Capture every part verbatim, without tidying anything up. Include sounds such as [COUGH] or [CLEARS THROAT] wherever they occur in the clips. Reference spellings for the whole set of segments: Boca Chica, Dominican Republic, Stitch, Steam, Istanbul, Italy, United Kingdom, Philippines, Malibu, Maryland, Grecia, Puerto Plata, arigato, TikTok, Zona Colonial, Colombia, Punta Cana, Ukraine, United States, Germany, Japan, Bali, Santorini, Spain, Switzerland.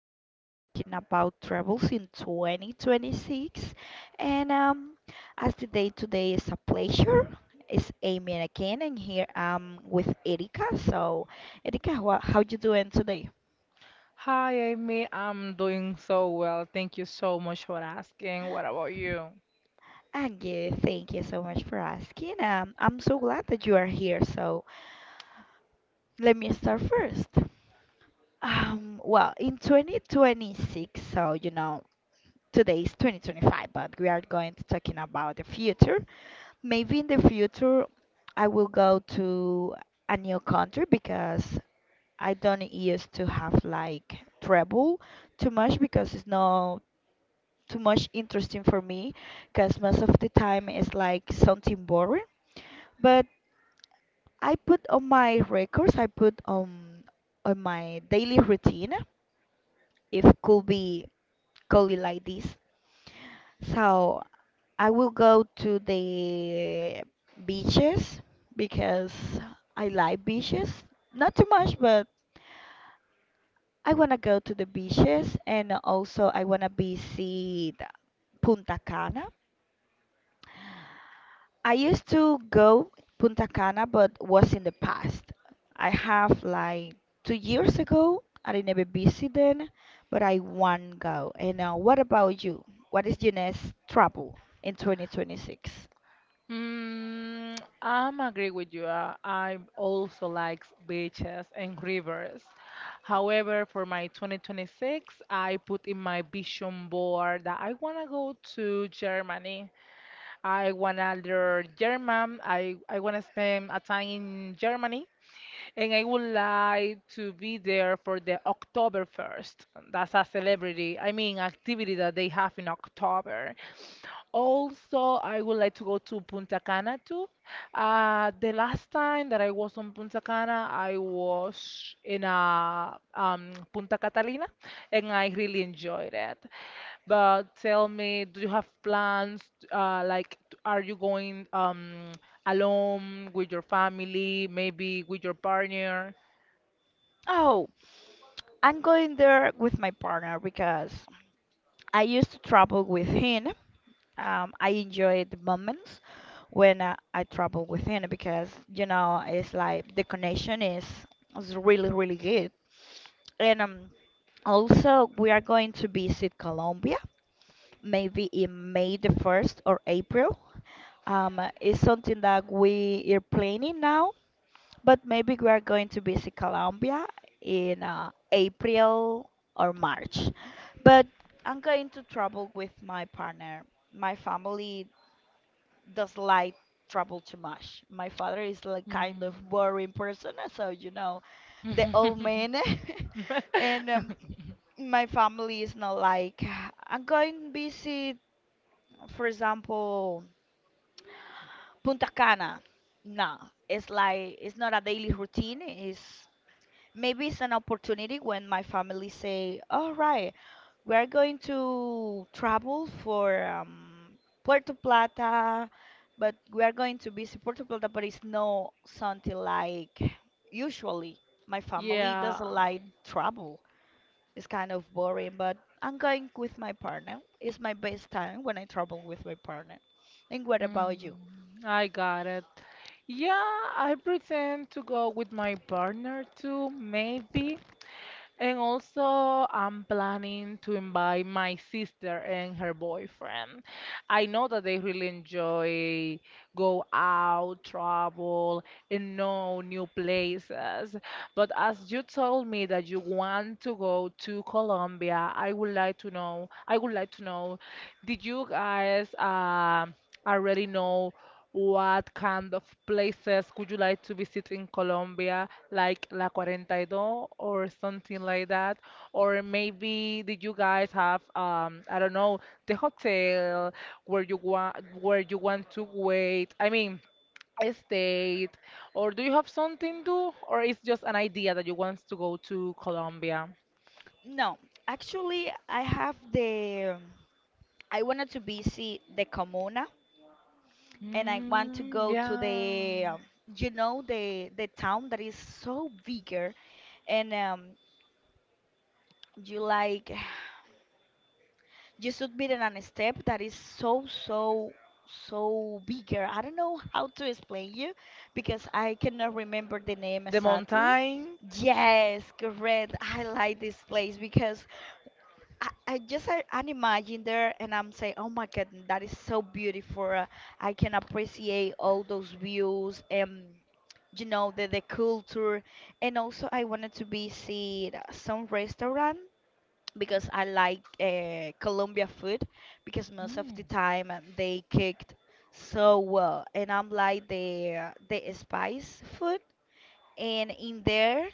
we are going talking about travels in twenty twenty-six. And um, as the day today is a pleasure, it's Amy again, and here I'm with Erika. So, Erika, wha- how you doing today? Hi, Amy. I'm doing so well. Thank you so much for asking. What about you? Ah, yeah, thank you so much for asking. Um, I'm so glad that you are here. So, let me start first. Um, well, in twenty twenty-six, so you know, today is twenty twenty-five, but we are going to talking about the future. Maybe in the future I will go to a new country because I don't used to have like travel too much because it's not too much interesting for me because most of the time it's like something boring. But I put on my records, I put on on my daily routine. If could be call it like this. So I will go to the beaches because I like beaches. Not too much, but I want to go to the beaches and also I want to visit Punta Cana. I used to go Punta Cana, but was in the past. I have like two years ago. I never visited, but I want go. And uh, what about you? What is your next travel in twenty twenty-six? Mm, I'm agree with you. Uh, I also like beaches and rivers. However, for my twenty twenty-six, I put in my vision board that I want to go to Germany. I want to learn German. I, I want to spend a time in Germany and I would like to be there for the October first. That's a celebrity, I mean, activity that they have in October. Also, I would like to go to Punta Cana too. Uh, the last time that I was on Punta Cana, I was in uh, um, Punta Catalina, and I really enjoyed it. But tell me, do you have plans? Uh, like, t- are you going? Um, alone with your family, maybe with your partner. Oh, I'm going there with my partner because I used to travel with him. Um, I enjoy the moments when uh, I travel with him because you know it's like the connection is is really really good. And um, also we are going to visit Colombia maybe in May the first or April. Um, it's something that we are planning now. But maybe we are going to visit Colombia in uh, April or March. But I'm going to travel with my partner. My family does like travel too much. My father is like kind of Mm. boring person, so you know the old man, [LAUGHS] [LAUGHS] and um, my family is not like I'm going to visit, for example, Punta Cana. No, it's like it's not a daily routine. It's maybe it's an opportunity when my family say, "All right, we're going to travel for um, Puerto Plata, but we are going to visit Puerto Plata, but it's no something like usually my family Yeah. doesn't like travel. It's kind of boring, but I'm going with my partner. It's my best time when I travel with my partner. And what about you? Mm. I got it. Yeah, I pretend to go with my partner too, maybe. And also, I'm planning to invite my sister and her boyfriend. I know that they really enjoy go out, travel, and know new places. But as you told me that you want to go to Colombia, I would like to know. I would like to know, did you guys um already know what kind of places would you like to visit in Colombia, like La four two or something like that? Or maybe did you guys have, um, I don't know, the hotel where you want where you want to wait? I mean, a state, or do you have something to, or it's just an idea that you want to go to Colombia? No, actually, I have the I wanted to visit the Comuna and I want to Mm, go to yeah. the um, you know the the town that is so bigger and um you like [SIGHS] you submitted on a step that is so so so bigger. I don't know how to explain you because I cannot remember the name The exactly. mountain. Yes, correct. I like this place because I, I just I, I imagine there and I'm saying, oh my God, that is so beautiful. Uh, I can appreciate all those views and you know the the culture and also I wanted to visit uh, some restaurant because I like uh, Colombia food because most of the Mm. time uh, they cooked so well and I'm like the the spice food and in there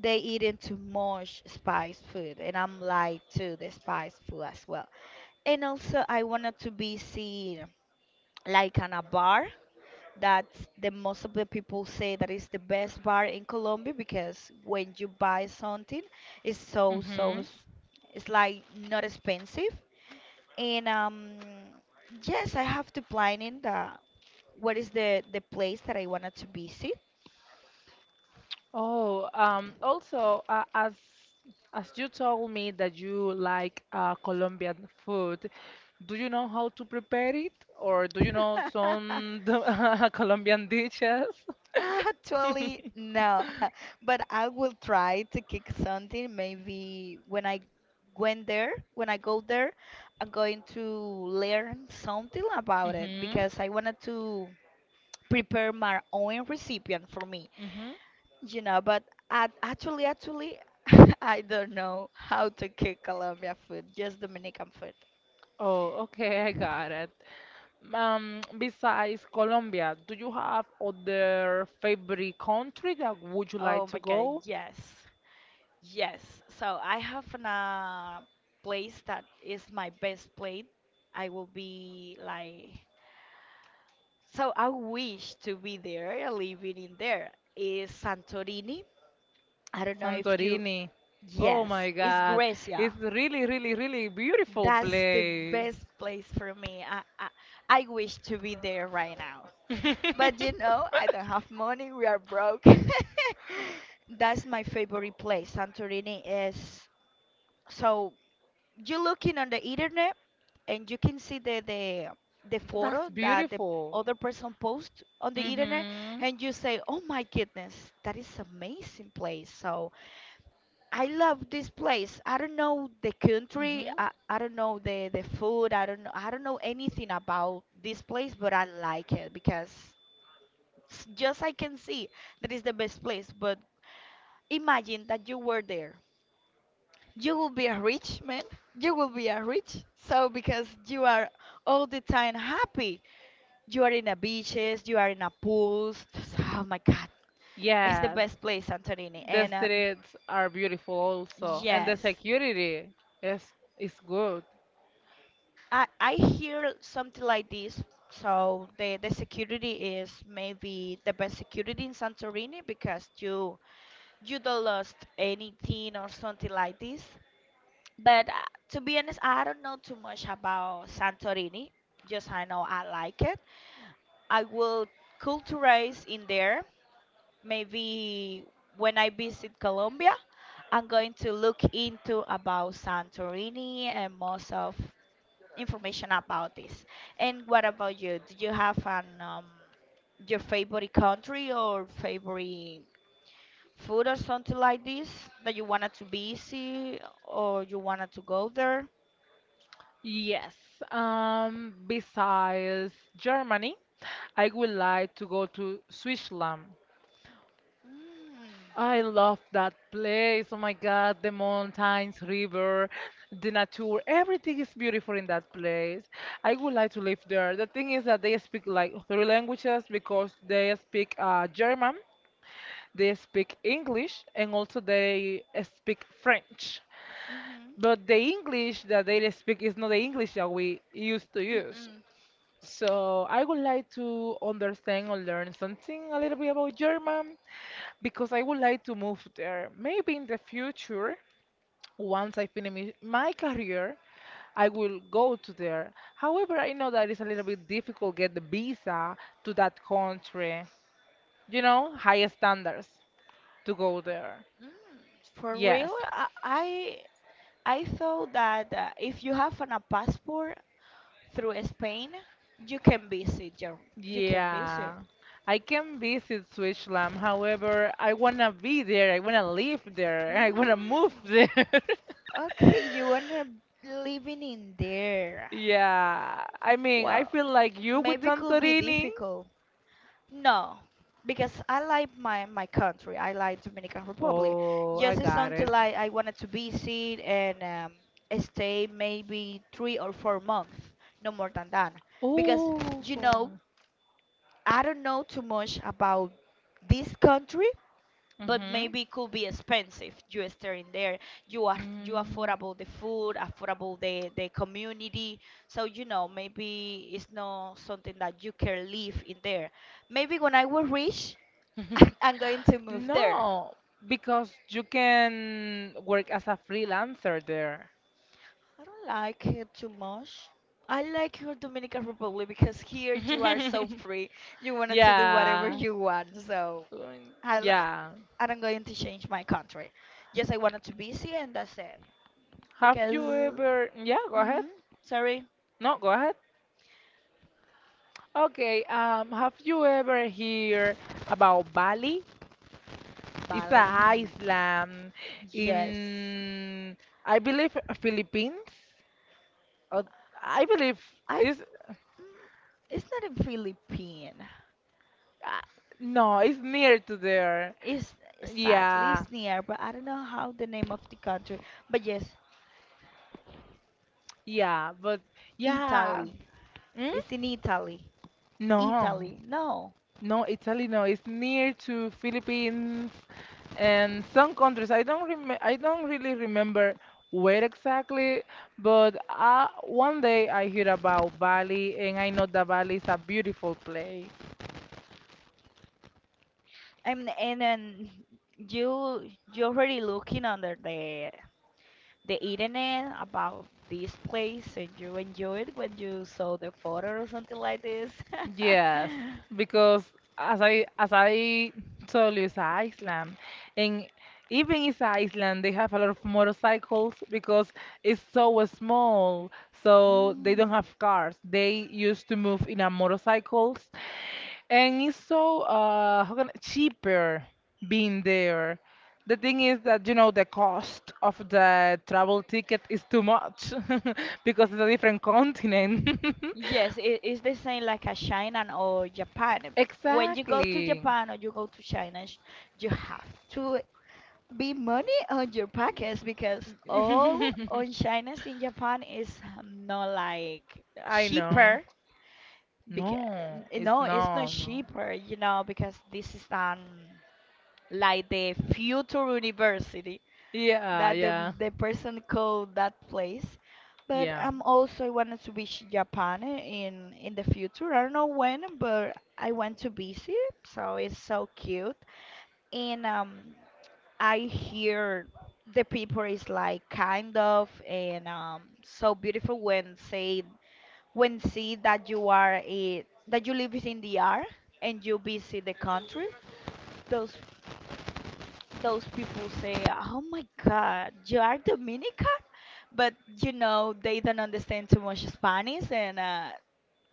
they eating too much spice food and I'm like to the spice food as well and also I wanted to be seen like on a bar that's the most of the people say that is the best bar in Colombia because when you buy something it's so so Hmm. s- it's like not expensive and um yes I have to plan in the what is the the place that I wanted to visit. Oh, um, also, uh, as as you told me that you like uh, Colombian food, do you know how to prepare it, or do you know [LAUGHS] some [LAUGHS] Colombian dishes? Actually, [LAUGHS] no, [LAUGHS] but I will try to kick something. Maybe when I went there, when I go there, I'm going to learn something about it Mm-hmm. because I wanted to prepare my own recipient for me, Mm-hmm. you know. But I, actually, actually, [LAUGHS] I don't know how to cook Colombian food, just Dominican food. Oh, okay, [LAUGHS] I got it. Um, besides Colombia, do you have other favorite country that would you like Oh my to God, go? yes. Yes, so I have an, uh, place that is my best place. I will be like, so I wish to be there, living in there. Is Santorini? I don't know if you, Santorini. Oh yes, my it's God. It's Grecia. really, really, really beautiful That's the place. best place for me. I, I, I wish to be there right now. But [LAUGHS] you know, I don't have money, we are broke. [LAUGHS] That's my favorite place. Santorini is so you looking on the internet and you can see the the the That's photo that the beautiful. other person post on the internet Mm-hmm. and you say oh my goodness that is amazing place so I love this place I don't know the country Mm-hmm. i, I don't know the the food i don't know I don't know anything about this place but I like it because s- just I can see that is the best place but imagine that you were there you will be a rich man. You will be a rich. So because you are all the time happy. You are in a beaches, you are in a pools. Oh my god. It's the Yes, best place, Santorini. the And um, streets are beautiful also, and the yes. security is is good. I I hear something like this. So the the security is maybe the best security in Santorini because you you don't lost anything or something like this. But uh, to be honest, I don't know too much about Santorini. Just I know I like it. I will culturize in there. Maybe when I visit Colombia, I'm going to look into about Santorini and most of information about this. And what about you? Do you have an um, your favorite country or favorite food or something like this that you wanted to visit or you wanted to go there? Yes. Um, besides Germany, I would like to go to Switzerland. Mm. I love that place. Oh my God, the mountains, river, the nature, everything is beautiful in that place. I would like to live there. The thing is that they speak like three languages because they speak uh, German, they speak English, and also they uh, speak French. Mhm. But the English that they speak is not the English that we used to use. Mm-mm. So I would like to understand or learn something a little bit about German because I would like to move there. Maybe in the future, once I finish my career, I will go to there. However, I know that it's a little bit difficult get the visa to that country. You know, high standards to go there. Mm. For Yes. real, I I I thought that uh, if you have an, a passport through Spain, you can visit. Your, you can visit. Yeah, I can visit Switzerland. However, I wanna be there. I wanna live there. Mm. [LAUGHS] I wanna move there. [LAUGHS] Okay, you wanna living in there. Yeah, I mean, I Well, feel like you with maybe could be Santorini. difficult. No, because I like my my country. I like Dominican Republic. Oh, I Just it's got something it. like I wanted to visit and um, stay maybe three or four months, no more than that. Because Oh, you know, I don't know too much about this country, but mm-hmm. maybe it could be expensive. You stay in there, you are you Mm. affordable the food, affordable the the community. So you know, maybe it's not something that you can live in there maybe when I will reach [LAUGHS] [LAUGHS] I'm going to move there. No, because you can work as a freelancer there. I don't like here too much. I like your Dominican Republic because here you are so [LAUGHS] free. You wanted to do whatever Yeah, you want. So doing. I, li- Yeah. I'm going to change my country. Yes, I wanted to busy and that's it. Have you Because, ever? Yeah, go ahead. hmm sorry, No, go ahead. Okay. Um, have you ever heard about Bali? It's a Bali. island Yes, in, I believe, Philippines. Or I believe I. it's. mm, It's not in Philippine. Uh, no, it's near to there. It's sadly Yeah, it's near, but I don't know how the name of the country. But yes, yeah, but yeah. Italy. Hmm? It's in Italy. No. Italy. No, No, Italy, no. It's near to Philippines and some countries. I don't rem I don't really remember where exactly, but uh, one day I heard about Bali, and I know that Bali is a beautiful. and and then you you already looking under the the internet about this place, and you enjoyed when you saw the photo or something like this. Yes, [LAUGHS] because as I as I told you, it's an island, and even it's an island, they have a lot of motorcycles because it's so small, so they don't Mm. have cars. They used to move in a motorcycles, and it's so uh how can, cheaper being there. The thing is that you know the cost of the travel ticket is too much [LAUGHS] because it's a different continent. [LAUGHS] Yes, it is the same like a China or Japan. When you go to Exactly. Japan or you go to China, sh- you have to be money on your pockets because all on [LAUGHS] China's in Japan is um, not like I know. cheaper because No, it's no, it's not no, no. cheaper, you know, because this is um like the future university Yeah, that the yeah, the person called that place. But yeah. I'm also I wanted to visit Japan in in the future. I don't know when, but I want to visit, so it's so cute. And um, I hear the people is like kind of and um so beautiful when say when see that you are a, that you live in the R and you visit the country, those those people say, "Oh my God, you are Dominican," but you know they don't understand too much Spanish and uh,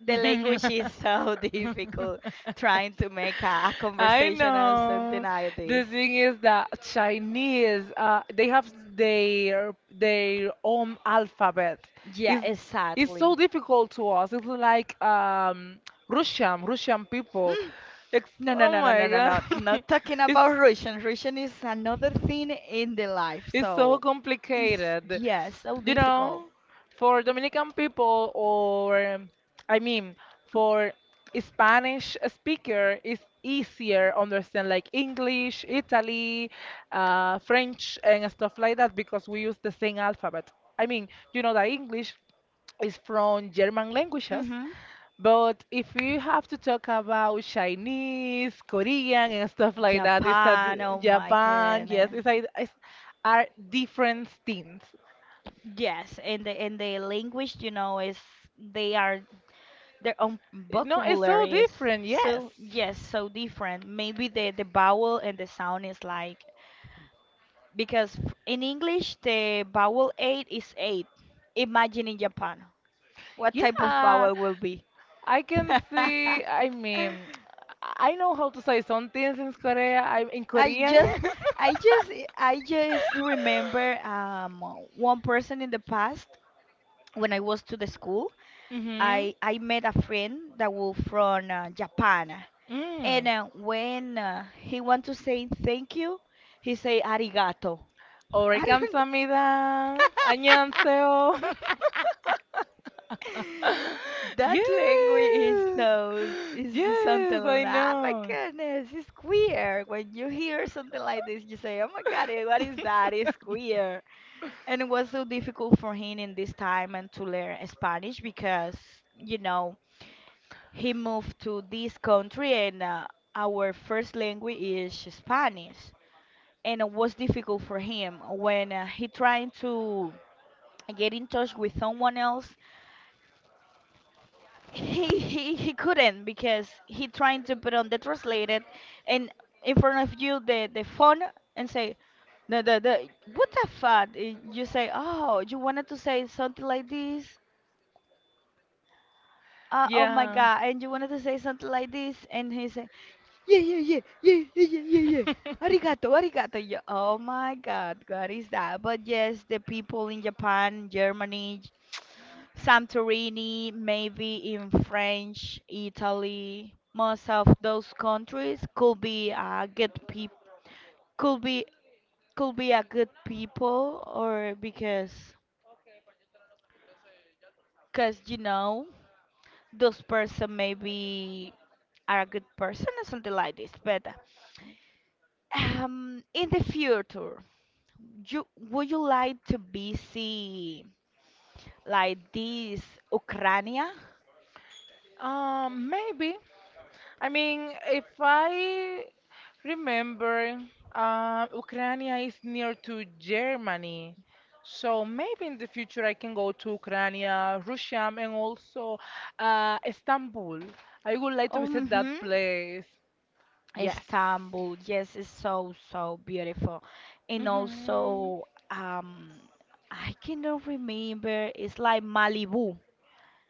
the language is [LAUGHS] so [LAUGHS] difficult trying to make a, a I conversation or something know. like this. The thing is that Chinese, uh, they have their their own alphabet. Yeah, It's it's exactly. so difficult to us. It's like um, Russian, Russian people. It's, No, no, oh no, no, no, my no, no. God. Not talking [LAUGHS] It's about Russian. Russian is another thing in the life. It's so So it's complicated. yes, so You difficult. know, for Dominican people or um, I mean for Spanish speaker it's easier understand like English, Italy, uh, French and stuff like that because we use the same alphabet. I mean, you know that English is from German languages. hmm But if you have to talk about Chinese, Korean, and stuff like that, it's a Japan, d- oh my Japan. Yes, goodness. it's, a, it's are different things. Yes, and the and the language, you know, is they are their own No, it's so vocabulary is different. Yes. so yes, so different. Maybe the the vowel and the sound is like because f- in English the vowel eight is eight. Imagine in Japan what type of Yeah, vowel will be. I can [LAUGHS] see, I mean, I know how to say some things in Korea. I'm in I Korean. just, I [LAUGHS] just, I just remember um one person in the past when I was to the school. Mm-hmm. I I met a friend that was from uh, Japan, and Mm. uh, when uh, he want to say thank you, he say arigato. [LAUGHS] 오래 I don't. 감사합니다. [LAUGHS] 안녕하세요. [LAUGHS] That language is Yes. so is something Yes, I like, oh my know. goodness, it's queer. When you hear something like this, you say, oh my god, eh, what is that? It's [LAUGHS] queer. And it was so difficult for him in this time and to learn Spanish because, you know, he moved to this country, and uh, our first language is Spanish. And it was difficult for him when uh, he trying to get in touch with someone else. He he he couldn't because he trying to put on the translated and in front of you the the phone and say the the, the what the fuck. Y- you say, oh, you wanted to say something like this, uh, oh my Yeah. god, and you wanted to say something like this, and he say yeah, yeah, yeah, yeah, yeah, yeah, yeah, yeah. [LAUGHS] Arigato, arigato. Yeah. Oh my God, what is that? But yes, the people in Japan, Germany, [TSK] Santorini, maybe in French, Italy, most of those countries could be a good people, could be, could be a good people, or because, cause you know, those person maybe are a good person or something like this. But um, in the future. You would you like to visit like this Ukraine? Um, maybe. I mean, if I remember, uh, Ukraine is near to Germany. So maybe in the future I can go to Ukraine, Russia, and also uh, Istanbul. I would like to visit that Mm-hmm. place. Yes. Istanbul, yes, it's so so beautiful, and Hmm. also um, I cannot remember. It's like Malibu.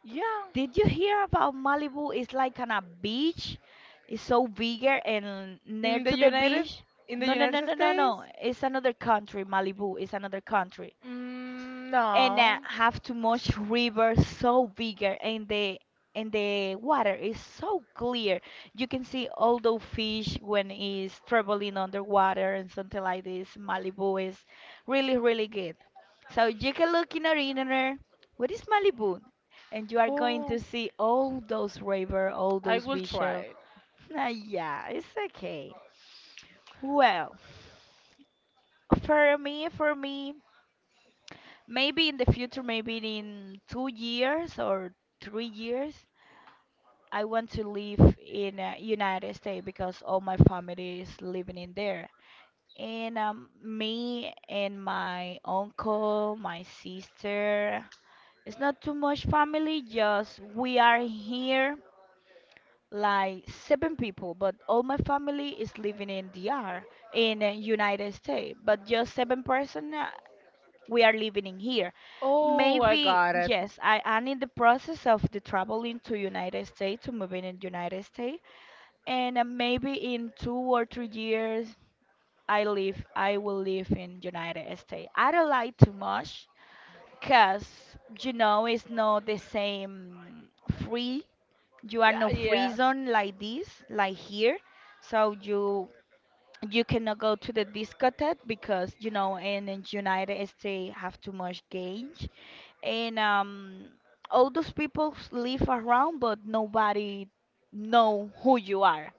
Yeah. Did you hear about Malibu? It's like on a beach. It's so bigger and near In the to the United beach. in the No, no, no, United no, no, no. States? It's another country. Malibu is another country. Mm, And no. uh, have too much river, so bigger, and the and the water is so clear. You can see all those fish when it's traveling underwater, and something like this, Malibu is really really good. So you can look in our internet what is Malibu, and you are going to Oh, see all those river, all I those will beaches. try. [LAUGHS] yeah, it's okay. Well, for me for me maybe in the future, maybe in two years or three years, I want to live in uh, United States because all my family is living in there. And um, me and my uncle, my sister, it's not too much family, just we are here like seven people, but all my family is living in D R, in uh, United States, but just seven person, uh, we are living in here. Oh, I Maybe got it. yes, I am in the process of the traveling to United States, to moving in United States, and uh, maybe in two or three years I live I will live in United States. I don't like too much, cause you know it's not the same free. You are Yeah, no free yeah. zone like this, like here. So you you cannot go to the discotheque because you know in, in United States have too much gangs, and um all those people live around, but nobody know who you are.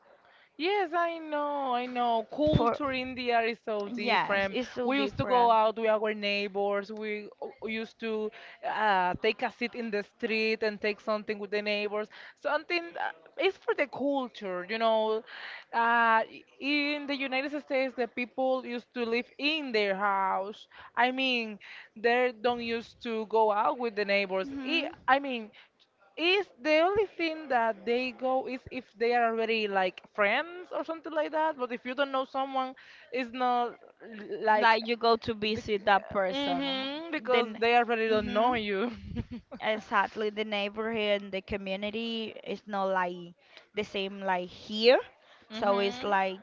Yes, I know, I know. For, Culture in India is so yes, different. it's so We used to go different. out with our neighbors. We o- used to uh, take a seat in the street and take something with the neighbors. Something uh, it's for the culture, you know. Uh, in the United States, the people used to live in their house. I mean, they don't used to go out with the neighbors. Hmm I I mean. is the only thing that they go is if they are already like friends or something like that. But if you don't know someone, it's not l- like like you go to the, visit that person, hmm because then, they already don't know hmm you. exactly, the neighborhood and the community is not like the same like here. [LAUGHS] So it's Hmm. like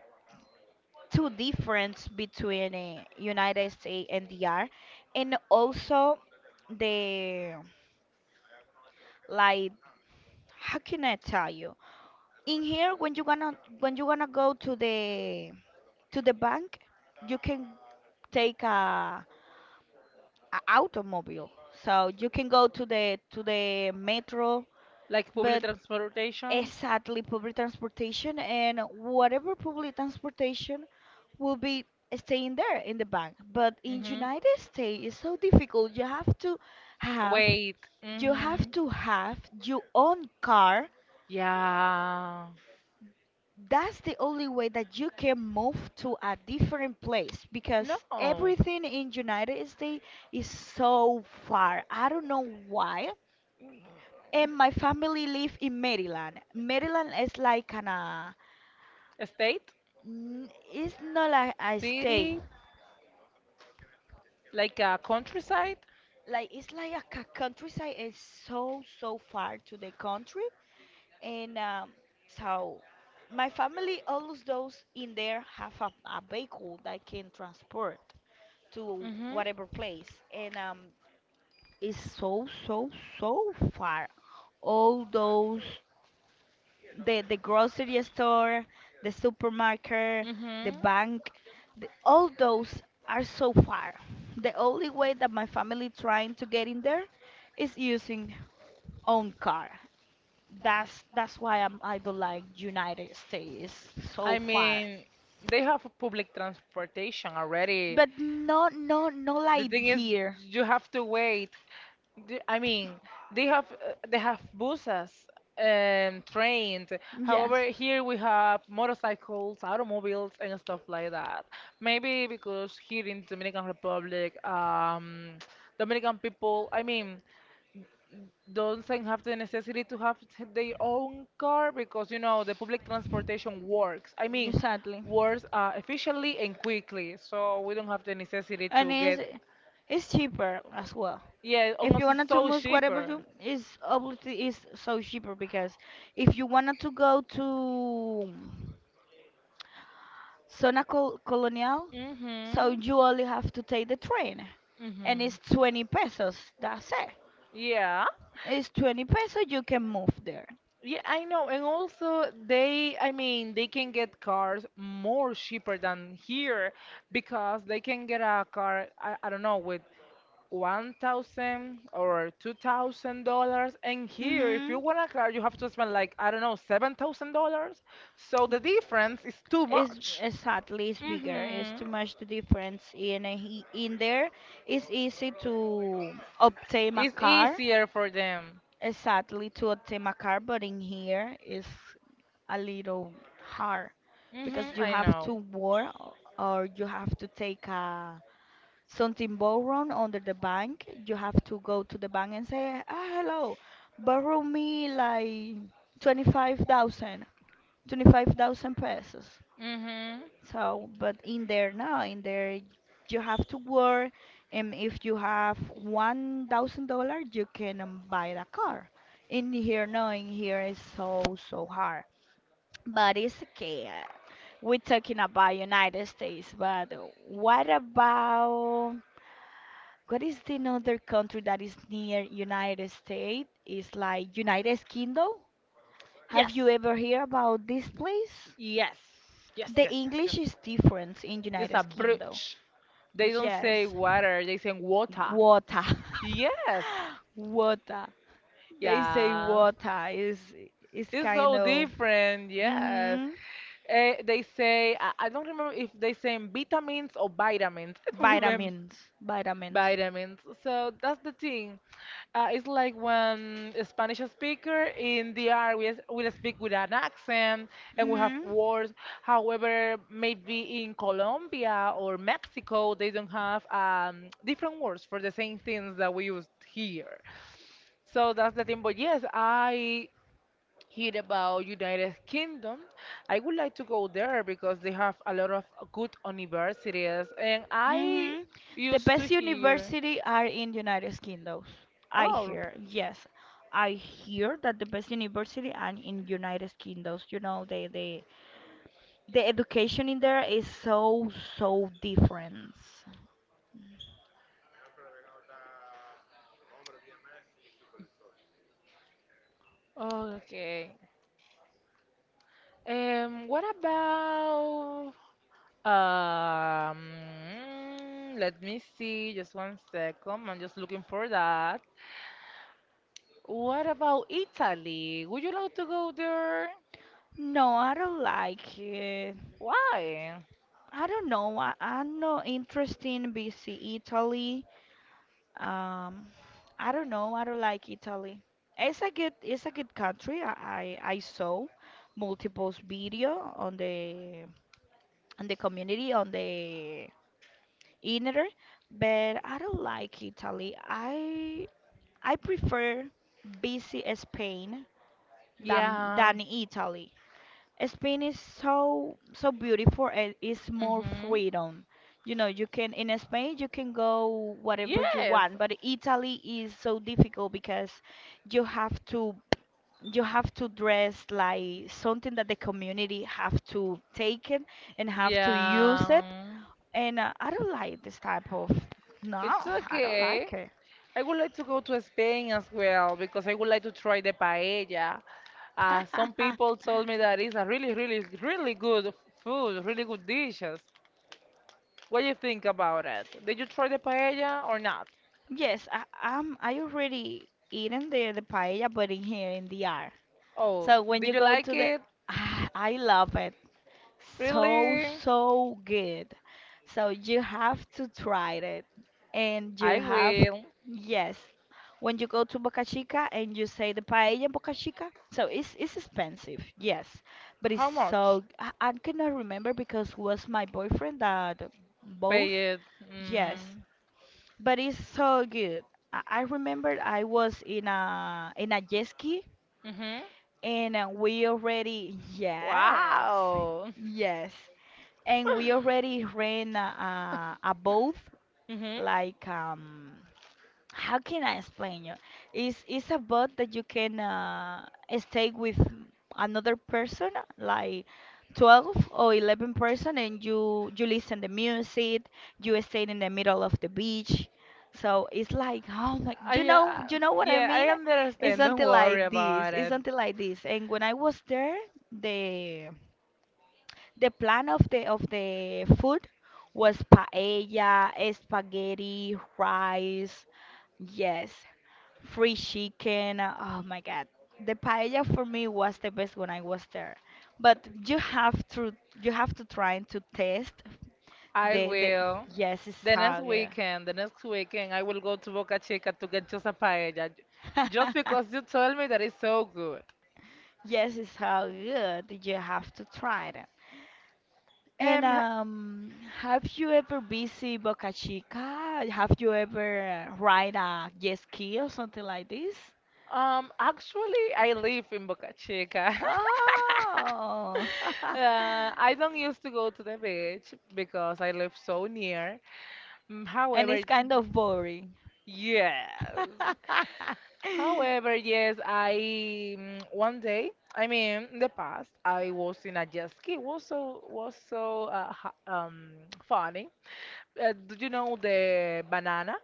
two difference between uh, United States and D R, and also the, like, how can I tell you? In here, when you gonna when you gonna go to the to the bank, you can take a, a automobile, so you can go to the to the metro, Like public but transportation. exactly public transportation, and whatever public transportation will be staying there in the bank. But in Hmm. United States, it's so difficult. You have to have, Wait. you Hmm. have to have your own car. Yeah. That's the only way that you can move to a different place because No. everything in United States is so far. I don't know why. And my family live in Maryland. Maryland is like an uh, A state, n- it's not like a state. city, like a countryside. Like, it's like a ca- countryside, is so so far to the country, and um so my family always those in there have a, a vehicle that can transport to Hmm. whatever place, and um it's so so so far, all those, the the grocery store, the supermarket, the Hmm. bank, the, all those are so far. The only way that my family trying to get in there is using own car. That's that's why I'm I don't like United States, so I far. mean, they have a public transportation already. But no no no The like thing is, here. you have to wait. D- I mean, they have uh, they have buses and trains. However, Yes, here we have motorcycles, automobiles, and stuff like that. Maybe because here in Dominican Republic, um, Dominican people, I mean, doesn't have the necessity to have t- their own car because you know the public transportation works. I mean, exactly. works uh, efficiently and quickly, so we don't have the necessity And to it's get. it's cheaper as well. Yeah, If you almost it's wanted to so move whatever cheaper. you is, obviously is so cheaper because if you wanted to go to Zona Col Colonial, so Mhm. you only have to take the train, and it's Mhm. twenty pesos. That's it. Yeah. It's twenty pesos, you can move there. Yeah, I know. And also they, I mean, they can get cars more cheaper than here because they can get a car, I, I don't know, with one thousand or two thousand dollars, and here, if you Mhm. want a car, you have to spend like, I don't know, seven thousand dollars, so the difference is too Is much. exactly is bigger. It's Mm-hmm. too much the difference in a, he- in there. It's easy to obtain a It's car. easier for them. Exactly, to obtain a car, but in here is a little hard because Mm-hmm. you I have know. to work, o- or you have to take a something borrowed under the bank. You have to go to the bank and say, ah, hello, borrow me like twenty-five thousand, twenty-five thousand pesos. Mm-hmm. So, but in there, no, in there, you have to work, and if you have one thousand dollars, you can um, buy a car. In here, no, in here is so so hard. But it's okay. uh, We're talking about United States, but what about, what is the other country that is near United States? It's like United Kingdom. Have Yes, you ever heard about this place? yes, yes, The yes, yes, yes. English is different in It's a United Kingdom. brooch. They don't say Yes, water, they say water. water. [LAUGHS] Yes. Water. They say Yeah, water is is it's kind so of, different. Yes. hmm Uh, they say I, I don't remember if they say vitamins or vitamins. [LAUGHS] I don't remember vitamins, vitamins. vitamins. So that's the thing. Uh, it's like when a Spanish speaker in the R we will speak with an accent and we have Hmm words. However, maybe in Colombia or Mexico they don't have um, different words for the same things that we use here. So that's the thing. But yes, I hear about United Kingdom. I would like to go there because they have a lot of good universities, and I hmm The used to best hear. university are in United Kingdoms. I Oh, hear, yes. I hear that the best university are in United Kingdoms. You know, the the the education in there is so so different. okay. Um, what about um? Let me see. Just one second. I'm just looking for that. What about Italy? Would you like to go there? No, I don't like it. Why? I don't know. I, I'm not interested in B C Italy. Um, I don't know. I don't like Italy. It's a good, it's a good country. I, I, I saw multiple video on the on the community on the internet, but I don't like Italy. I I prefer B C Spain than Yeah. than Italy. Spain is so so beautiful, and it's more Mhm. freedom. You know, you can, in Spain you can go whatever you Yes. want, but Italy is so difficult because you have to, you have to dress like something that the community have to take it and have to use it. Yeah. And uh, I don't like this type of, no, It's I don't okay. like it. I would like to go to Spain as well because I would like to try the paella. Uh, some [LAUGHS] people told me that it's a really, really, really good f- food, really good dishes. What do you think about it? Did you try the paella or not? Yes, I, I'm I already eaten the the paella, but in here in the air. Oh, So when did you you go like to the, it? [SIGHS] I love it. So, Really? so good. So you have to try it. And you I have, will. yes. When you go to Boca Chica and you say the paella in Boca Chica, so it's it's expensive, yes, but it's How much? so, I, I cannot remember because it was my boyfriend that both, Pay it. yes, Mm. but it's so good. I, I remember I was in a in a jet ski, Hmm. and uh, we already, [LAUGHS] yes, Wow. yes. And we already ran a, a, a boat, [LAUGHS] Hmm. like um, how can I explain you? It's it's a bot that you can uh, stay with another person, like twelve or eleven person, and you you listen the music. You stay in the middle of the beach, so it's like oh my, you I, know uh, you know what I yeah, mean? I It's understand. Don't something worry like this. about It's it. something like this. And when I was there, the the plan of the of the food was paella, spaghetti, rice. Yes, free chicken. Oh my god. The paella for me was the best when I was there. But you have to, you have to try to taste I the the will. yes, it's The next how good. weekend, the next weekend, I will go to Boca Chica to get just a paella, j- just because [LAUGHS] you told me that it's so good. Yes, it's how good, you have to try it. And Um, um have you ever visited Boca Chica? Have you ever uh, ride a jet ski or something like this? Um, actually, I live in Boca Chica. [LAUGHS] Oh. [LAUGHS] Uh, I don't used to go to the beach because I live so near. Mm, And However, it's kind of boring. yes, [LAUGHS] However, yes, I mm, one day, I mean, in the past, I was in a jet ski. Was so was so uh, ha- um funny. Uh, do you know the banana,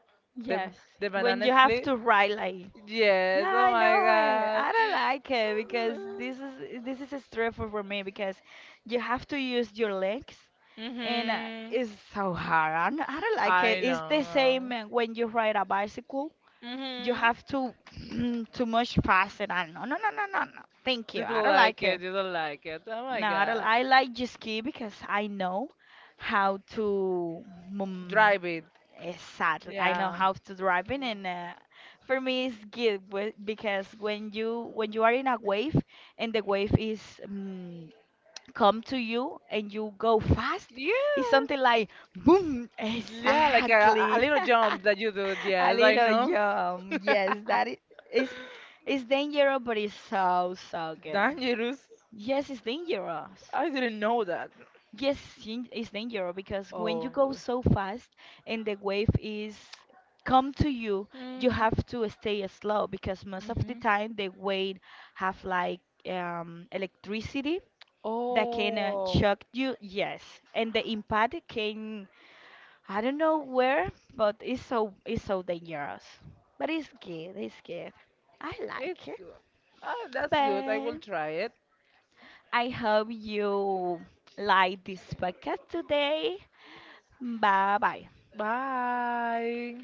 the Yes, the when banana you have split? to write like, Yes. yeah, Oh I my know it. God. I [LAUGHS] don't like it because this is, this is stressful for me because you have to use your legs, and uh, Mhm. it's so hard. I don't, I don't like it. I It's the same know. uh, when you ride a bicycle. You Mhm. have to [CLEARS THROAT] too much fast and I do. No, no, no, no, no. Thank you. You I don't don't like like it. it. You don't like it. Oh my No, I don't. God. I like to ski because I know how to. Mm, Drive it. exactly. I know Yeah. how to drive in, and uh, for me it's good wh- because when you, when you are in a wave and the wave is um, come to you and you go fast, it's Yeah. something like boom. Yeah, like a, a Exactly. little jump that you do. [LAUGHS] A Yes, I little know. [LAUGHS] jump. Yes, that is i- is, it's dangerous, but it's so so good. Dangerous. Yes, it's dangerous. I didn't know that. Yes, sin- it's dangerous because when Oh. you go so fast and the wave is come to you, you Mm, have to stay slow because most of the hmm. time the wave have like um, electricity that can uh, Oh, shock you. Yes, and the impact can, I don't know where, but it's so it's so dangerous. But it's good, it's good. I it's like it. good. Oh, that's good. I will But try it. I hope you like this podcast today. Bye bye. Bye.